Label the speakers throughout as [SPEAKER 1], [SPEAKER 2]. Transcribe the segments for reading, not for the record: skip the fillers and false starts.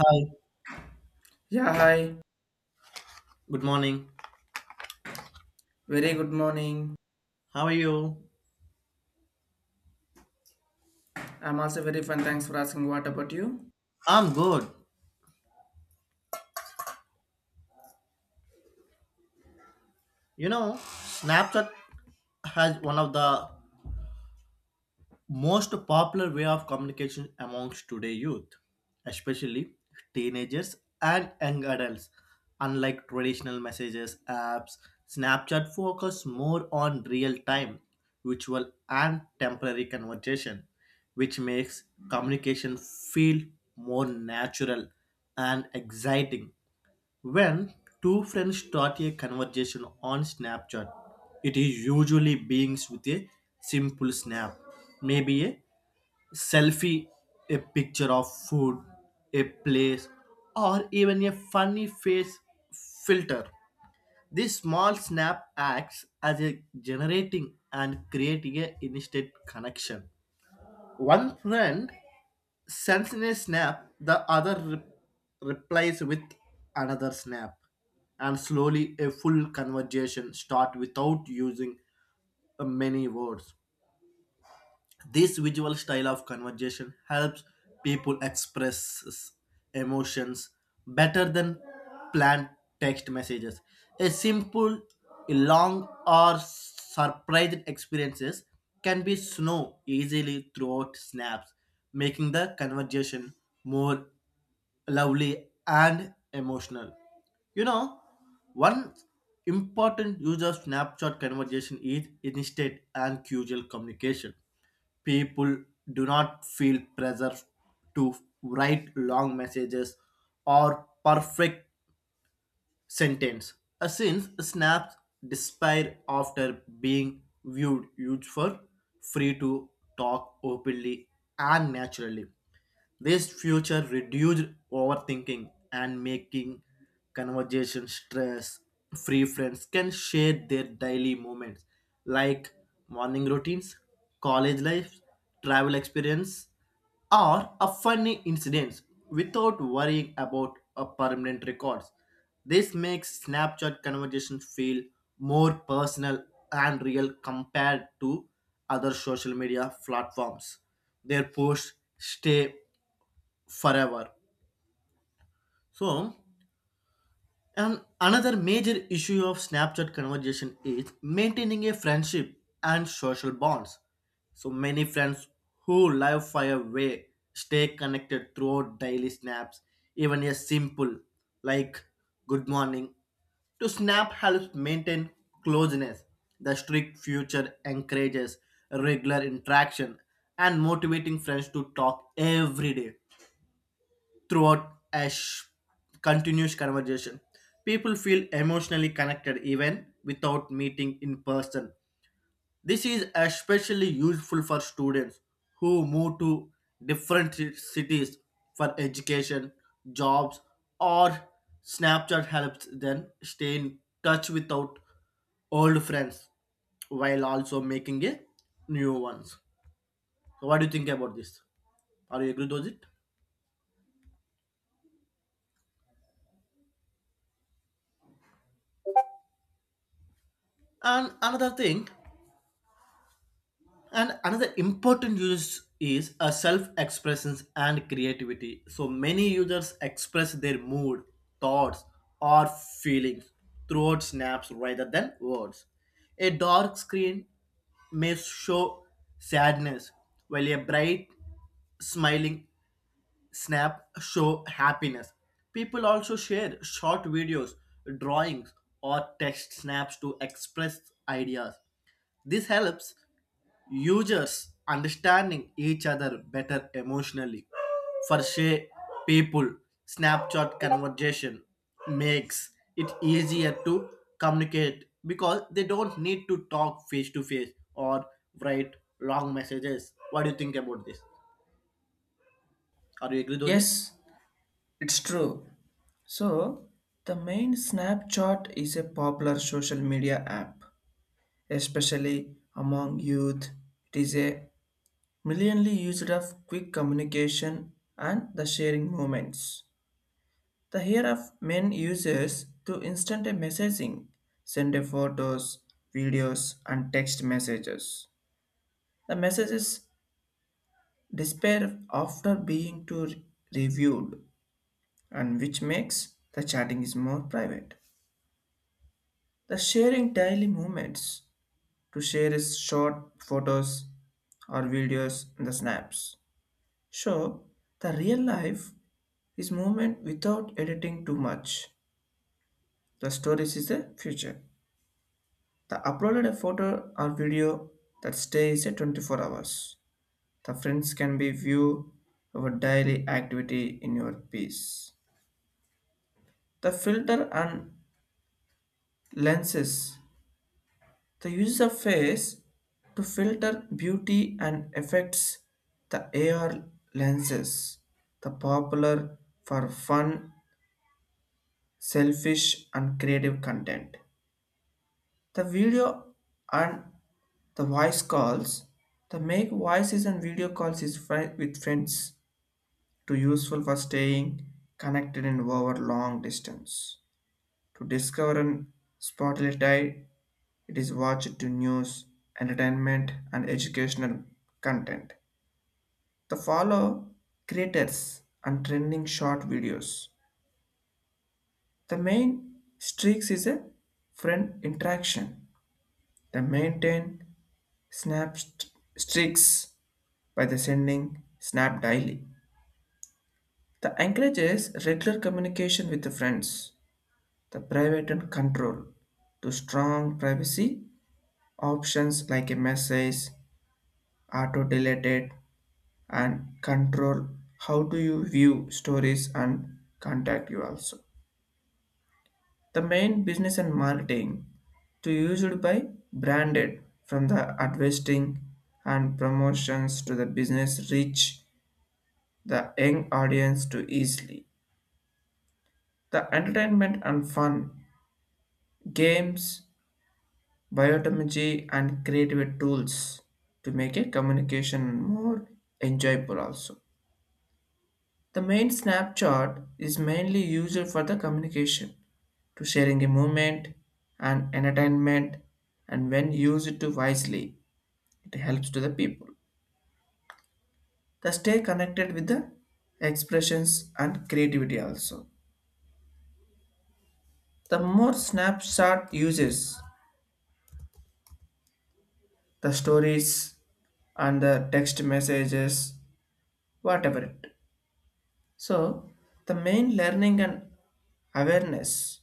[SPEAKER 1] Hi,
[SPEAKER 2] Yeah, hi.
[SPEAKER 1] good morning.
[SPEAKER 2] Very good morning.
[SPEAKER 1] How are you?
[SPEAKER 2] I'm also very fine. Thanks for asking. What about you?
[SPEAKER 1] I'm good. You know, Snapchat has one of the most popular way of communication amongst today youth, especially teenagers and young adults. Unlike traditional messages apps, Snapchat focuses more on real-time, visual and temporary conversation, which makes communication feel more natural and exciting. When two friends start a conversation on Snapchat, it is usually begins with a simple snap, maybe a selfie, a picture of food, a place, or even a funny face filter. This small snap acts as a generating and creating a instant connection. One friend sends in a snap, the other replies with another snap. And slowly, a full conversation starts without using many words. This visual style of conversation helps people express emotions better than planned text messages. A simple, long, or surprised experiences can be snow easily throughout snaps, making the conversation more lovely and emotional. You know, one important use of snapshot conversation is instant and casual communication. People do not feel pressure to write long messages or perfect sentence. Since snaps despair after being viewed used for free to talk openly and naturally. This future reduced overthinking and making conversation stress. Free friends can share their daily moments like morning routines, college life, travel experience, or a funny incidents without worrying about a permanent records. This makes Snapchat conversations feel more personal and real compared to other social media platforms. Their posts stay forever. So, And another major issue of Snapchat conversation is maintaining a friendship and social bonds. So many friends who live far away stay connected throughout daily snaps, even a simple like good morning. To snap helps maintain closeness. The strict future encourages regular interaction and motivating friends to talk every day throughout a continuous conversation. People feel emotionally connected even without meeting in person. This is especially useful for students who move to different cities for education, jobs, or Snapchat helps them stay in touch without old friends while also making a new ones. So what do you think about this? Are you agree with it? And another thing And another important use is a self-expression and creativity. So many users express their mood, thoughts, or feelings throughout snaps rather than words. A dark screen may show sadness, while a bright smiling snap show happiness. People also share short videos, drawings, or text snaps to express ideas. This helps users understanding each other better emotionally. For say, people, Snapchat conversation makes it easier to communicate because they don't need to talk face to face or write long messages. What do you think about this? Are you agree with it?
[SPEAKER 2] Yes, it's true. So, the main Snapchat is a popular social media app, especially among youth. It is a millionly used of quick communication and the sharing moments. The here of main users to instant messaging, send a photos, videos, and text messages. The messages despair after being too reviewed and which makes the chatting is more private the sharing daily moments to share is short photos or videos in the snaps show the real life is movement without editing too much the stories is the future the uploaded a photo or video that stays at 24 hours the friends can be view our daily activity in your piece. The filter and lenses. The user face to filter beauty and effects the AR lenses, the popular for fun, selfish and creative content. The video and the voice calls. The make voices and video calls is with friends to useful for staying connected and over long distance to discover and spotlight. It is watched to news, entertainment, and educational content. The follow creators and trending short videos. The main streaks is a friend interaction. They maintain snap streaks by the sending snap daily. The encourages regular communication with the friends. The private and control to strong privacy options like a message auto deleted and control how do you view stories and contact you also. The main business and marketing to used by branded from the advertising and promotions to the business reach the young audience to easily. The entertainment and fun, games, biotechnology and creative tools to make a communication more enjoyable also. The main Snapchat is mainly used for the communication, to sharing a movement and entertainment, and when used to wisely, it helps to the people. The stay connected with the expressions and creativity also. The more Snapchat uses the stories and the text messages, whatever it. So the main learning and awareness.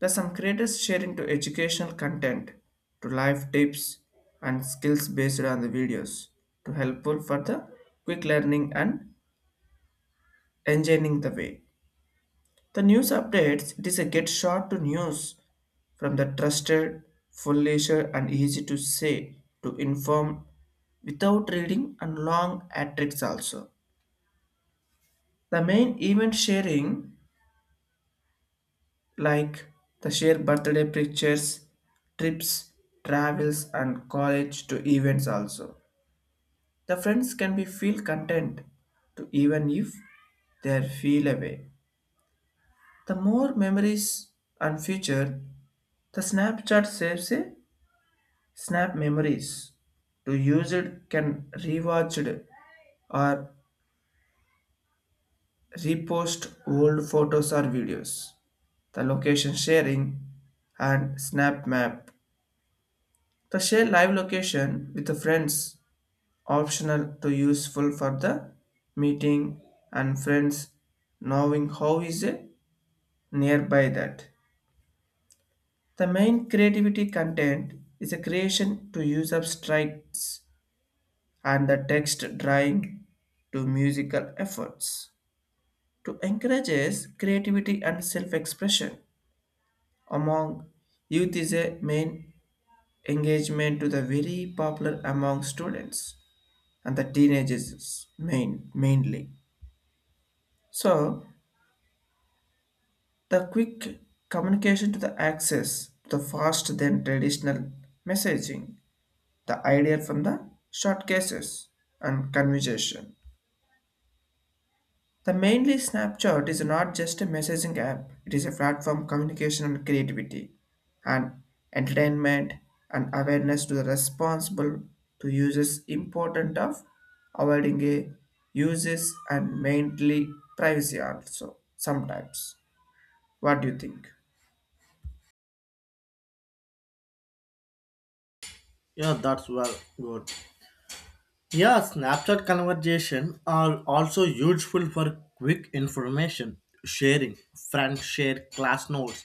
[SPEAKER 2] Plus, some creators share into educational content, to life tips and skills based on the videos, to helpful for the quick learning and enjoying the way. The news updates it is a get short to news from the trusted, full leisure and easy to say to inform without reading and long atrics also. The main event sharing like the shared birthday pictures, trips, travels, and college to events also. The friends can be feel content to even if they feel away. The more memories and future, the Snapchat saves a snap memories. To use it can rewatch it or repost old photos or videos. The location sharing and snap map. The share live location with the friends optional to useful for the meeting and friends knowing how is a nearby that. The main creativity content is a creation to use of strikes and the text drawing to musical efforts to encourages creativity and self-expression among youth is a main engagement to the very popular among students and the teenagers mainly. So the quick communication to the access to the fast than traditional messaging, the idea from the short cases and conversation. The mainly Snapchat is not just a messaging app, it is a platform communication and creativity and entertainment and awareness to the responsible to users important of avoiding a uses and mainly privacy also sometimes. What do you think?
[SPEAKER 1] Yeah, that's well good. Yeah, Snapchat conversation are also useful for quick information sharing. Friends share class notes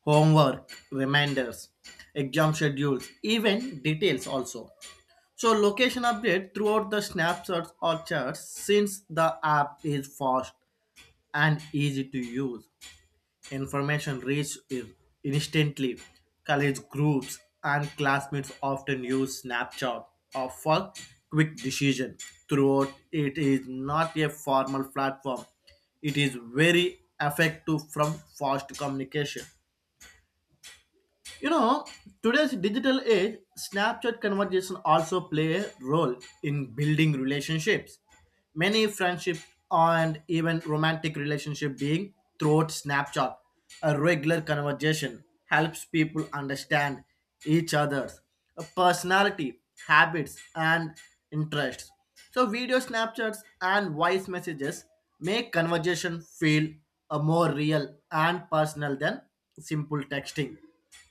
[SPEAKER 1] homework, reminders, exam schedules, even details also. So location update throughout the snapshots or charts since the app is fast and easy to use. Information reaches instantly. College groups and classmates often use Snapchat or for quick decision. Throughout it is not a formal platform. It is very effective from fast communication. you know, Today's digital age, Snapchat conversation also play a role in building relationships. Many friendship and even romantic relationship being through Snapchat. A regular conversation helps people understand each other's personality, habits, and interests. So video snapchats and voice messages make conversation feel more real and personal than simple texting.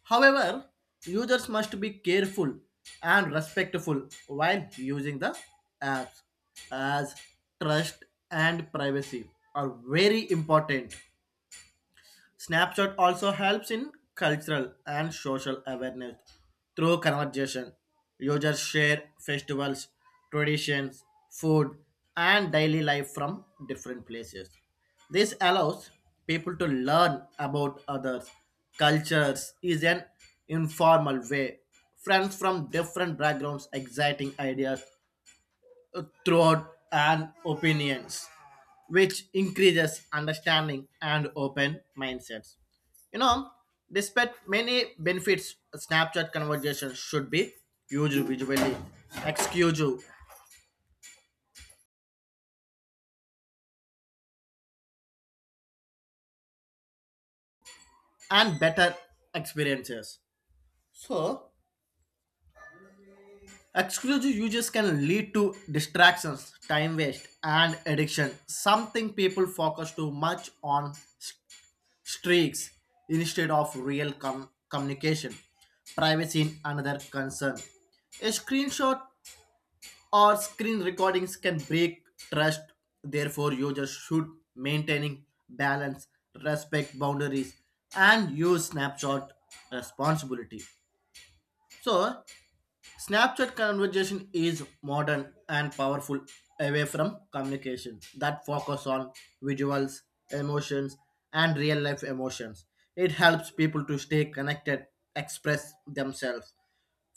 [SPEAKER 1] However, users must be careful and respectful while using the apps, as trust and privacy are very important. Snapchat also helps in cultural and social awareness through conversation. Users share festivals, traditions, food, and daily life from different places. This allows people to learn about others. Cultures is an informal way. Friends from different backgrounds, exciting ideas, throughout and opinions, which increases understanding and open mindsets. You know, despite many benefits, Snapchat conversations should be used visually, exclusive, and better experiences. So, exclusive uses can lead to distractions, time waste, and addiction, something people focus too much on streaks instead of real communication. Privacy in another concern. A screenshot or screen recordings can break trust. Therefore, users should maintaining balance, respect boundaries, and use snapshot responsibility. So, Snapchat conversation is modern and powerful away from communication that focus on visuals, emotions, and real life emotions. It helps people to stay connected, express themselves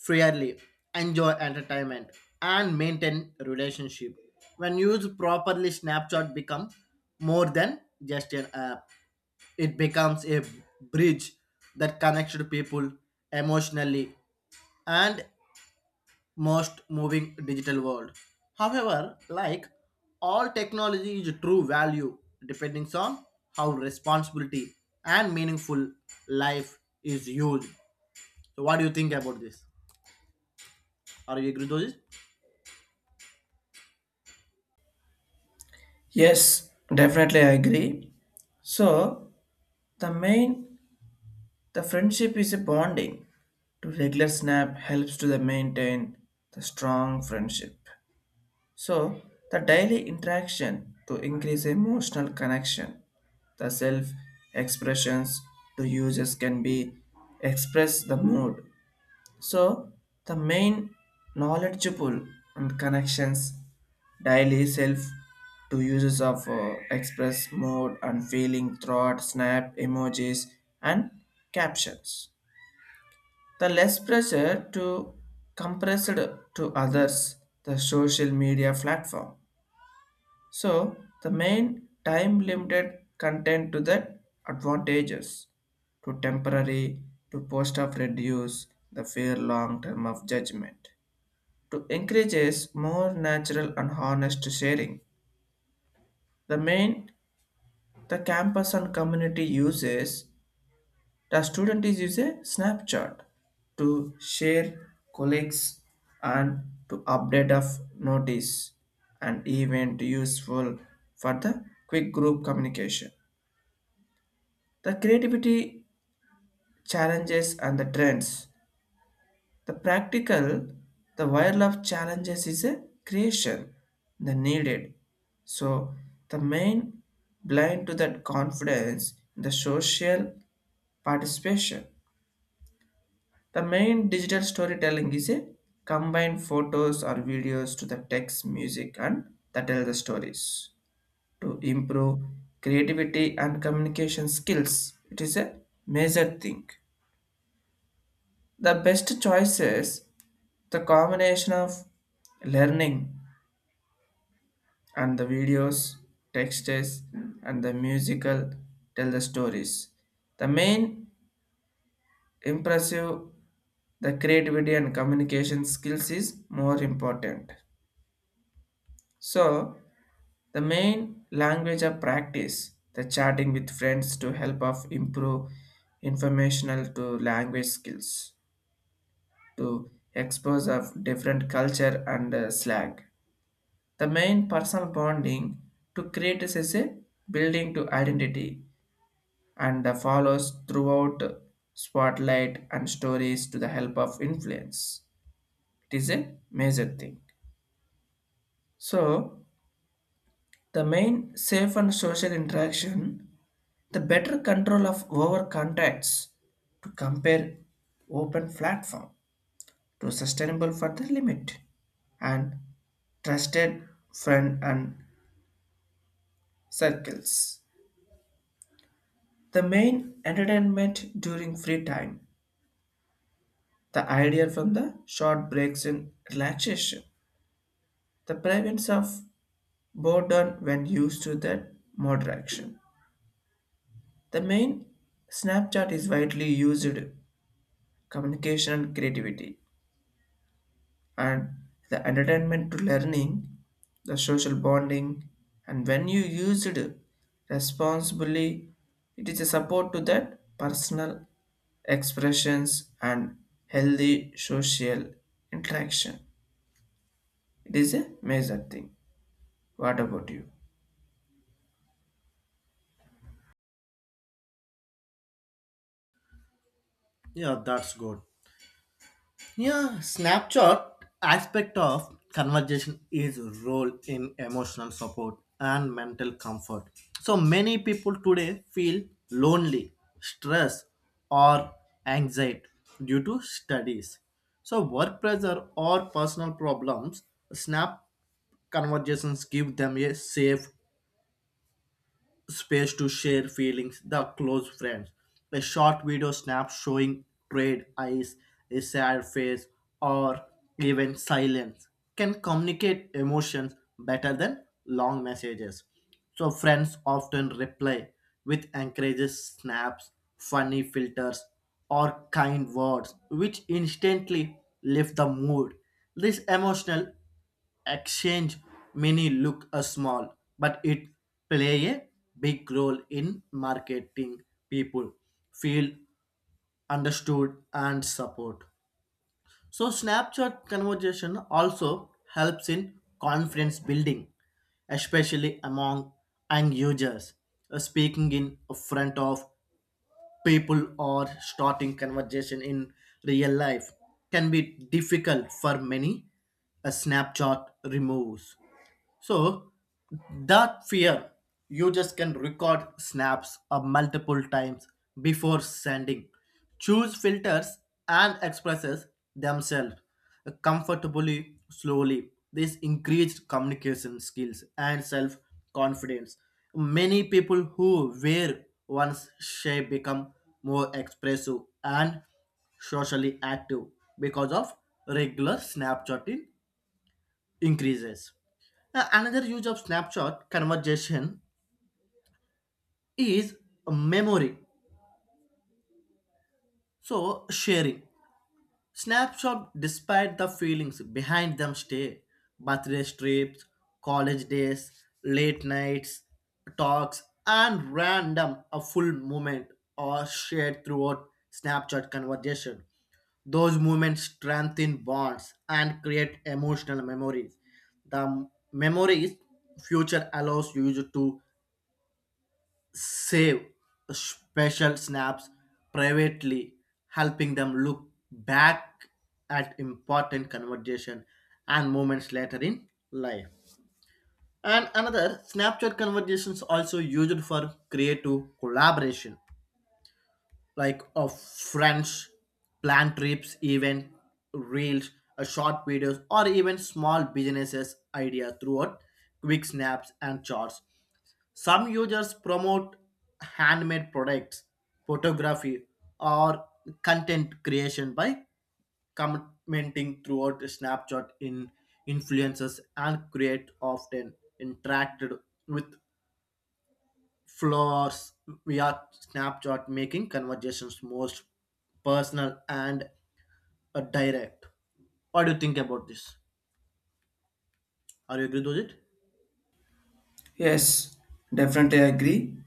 [SPEAKER 1] freely, enjoy entertainment, and maintain relationship. When used properly, Snapchat become more than just an app. It becomes a bridge that connects to people emotionally and most moving digital world. However, like all technology is true value depending on how responsibility and meaningful life is used. So what do you think about this? Are you agree with this?
[SPEAKER 2] Yes, definitely I agree. So the main the friendship is a bonding. To regular snap helps to the maintain the strong friendship. So, the daily interaction to increase emotional connection, the self expressions to users can be express the mood. So, the main knowledgeable and connections daily self to users of express mode and feeling throughout snap emojis and captions. The less pressure to compressed to others the social media platform, so the main time limited content to the advantages to temporary to post of reduce the fear long term of judgment to encourages more natural and honest sharing the main the campus and community uses the student is use a snapshot to share colleagues and to update of notice and event useful for the quick group communication. The creativity challenges and the trends. The practical, the while of challenges is a creation, the needed. So the main blind to that confidence in the social participation. The main digital storytelling is a combine photos or videos to the text, music, and that tell the stories to improve creativity and communication skills. It is a major thing. The best choice is the combination of learning and the videos, texts, and the musical tell the stories. The main impressive the creativity and communication skills is more important. So the main language of practice, the chatting with friends to help of improve informational to language skills, to expose of different culture and slang. The main personal bonding to create is as a building to identity and the follows throughout spotlight and stories to the help of influence. It is a major thing. So the main safe and social interaction, the better control of over contacts to compare open platform to sustainable for the limit and trusted friend and circles. The main entertainment during free time, the idea from the short breaks in relaxation, the prevalence of boredom when used to that moderation. The main Snapchat is widely used communication and creativity, and the entertainment to learning, the social bonding, and when you use it responsibly, it is a support to that personal expressions and healthy social interaction. It is a major thing. What about you?
[SPEAKER 1] Yeah, that's good. Yeah, snapshot aspect of conversation is role in emotional support and mental comfort. So many people today feel lonely, stress, or anxiety due to studies. So work pressure or personal problems, snap conversations give them a safe space to share feelings, the close friends. A short video snap showing trade eyes, a sad face, or even silence can communicate emotions better than long messages. So friends often reply with encourages snaps, funny filters, or kind words, which instantly lift the mood. This emotional exchange many look a small but it play a big role in marketing people feel understood and support. So Snapchat conversation also helps in confidence building, especially among young users. Speaking in front of people or starting conversation in real life can be difficult for many. A Snapchat removes so that fear, you just can record snaps multiple times before sending. Choose filters and expresses themselves comfortably, slowly. This increased communication skills and self confidence. Many people who wear one's shape become more expressive and socially active because of regular Snapchatting increases. Another use of snapshot conversation is memory. So sharing. Snapshot despite the feelings behind them stay. Birthday trips, college days, late nights, talks, and random a full moment are shared throughout snapshot conversation. Those moments strengthen bonds and create emotional memories. The memories future allows you to save special snaps privately, helping them look back at important conversation and moments later in life. And another Snapchat conversations also used for creative collaboration, like of friends, plan trips, even reels, a short videos, or even small businesses idea throughout quick snaps and charts some users promote handmade products, photography, or content creation by commenting throughout Snapchat in influencers and create often interacted with floors via Snapchat, making conversations most personal and direct. What do you think about this? Are you agree with it?
[SPEAKER 2] Yes, definitely agree.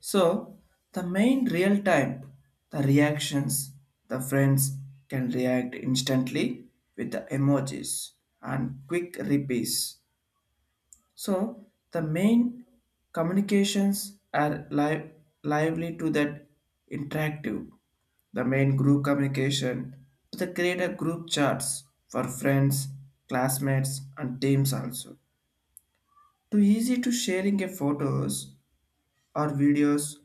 [SPEAKER 2] So, the main real time, the reactions, the friends can react instantly with the emojis and quick replies. So, the main communications are lively to that interactive. The main group communication to the creator group chats for friends, classmates, and teams also. Too easy to sharing a photos or videos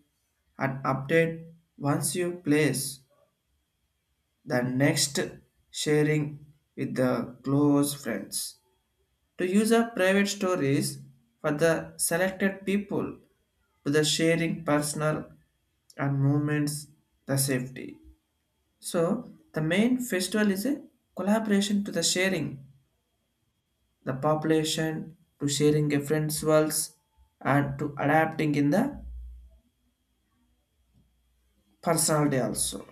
[SPEAKER 2] and update once you place the next sharing with the close friends. To use a private stories for the selected people to the sharing personal and moments the safety. So the main festival is a collaboration to the sharing the population to sharing a friend's worlds and to adapting in the personality also.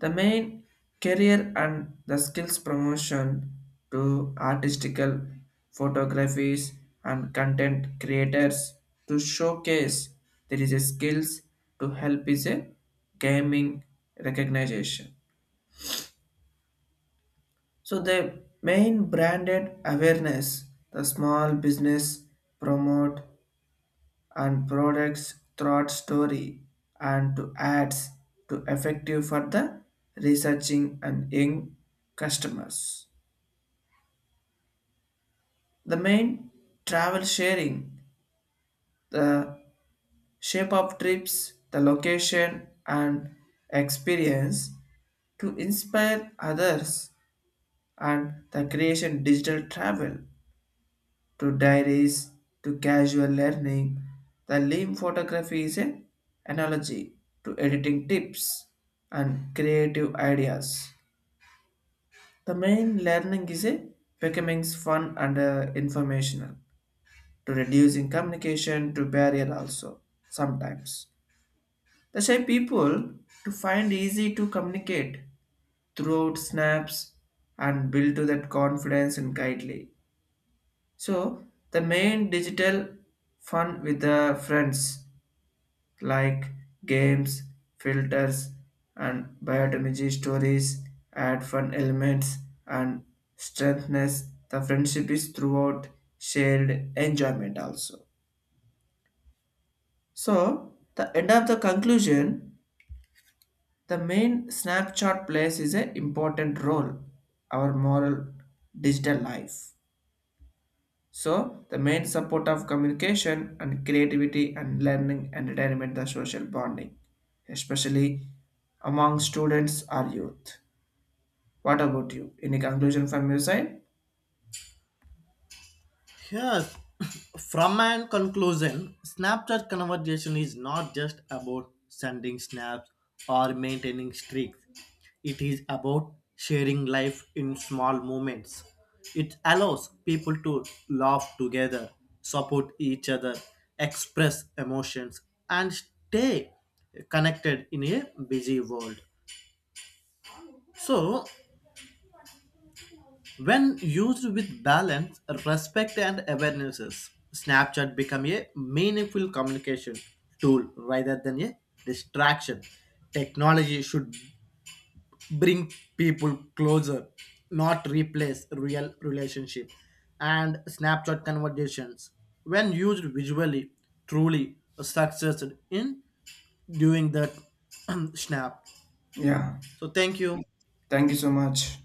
[SPEAKER 2] The main career and the skills promotion to artistical photographies and content creators to showcase there is a skills to help is a gaming recognition. So the main branded awareness, the small business promote and products throughout story and to ads to effective for the researching and young customers. The main travel sharing, the shape of trips, the location and experience to inspire others and the creation digital travel to diaries to casual learning. The limb photography is an analogy to editing tips and creative ideas. The main learning is a becoming fun and informational to reducing communication to barrier also sometimes. The shy people to find easy to communicate throughout snaps and build to that confidence and guidely. So the main digital fun with the friends like games, filters, and biotimagy stories add fun elements and strengthens the friendship is throughout shared enjoyment also. So the end of the conclusion, the main snapshot plays is an important role our moral digital life. So, the main support of communication and creativity and learning and entertainment the social bonding, especially among students or youth. What about you? Any conclusion from your side?
[SPEAKER 1] Yes, from an conclusion, Snapchat conversation is not just about sending snaps or maintaining streaks. It is about sharing life in small moments. It allows people to laugh together, support each other, express emotions, and stay connected in a busy world. So, when used with balance, respect, and awarenesses, Snapchat become a meaningful communication tool rather than a distraction. Technology should bring people closer, not replace real relationship. And Snapchat conversations, when used visually, truly successed in doing that. Snap.
[SPEAKER 2] Yeah,
[SPEAKER 1] So thank you.
[SPEAKER 2] thank you so much.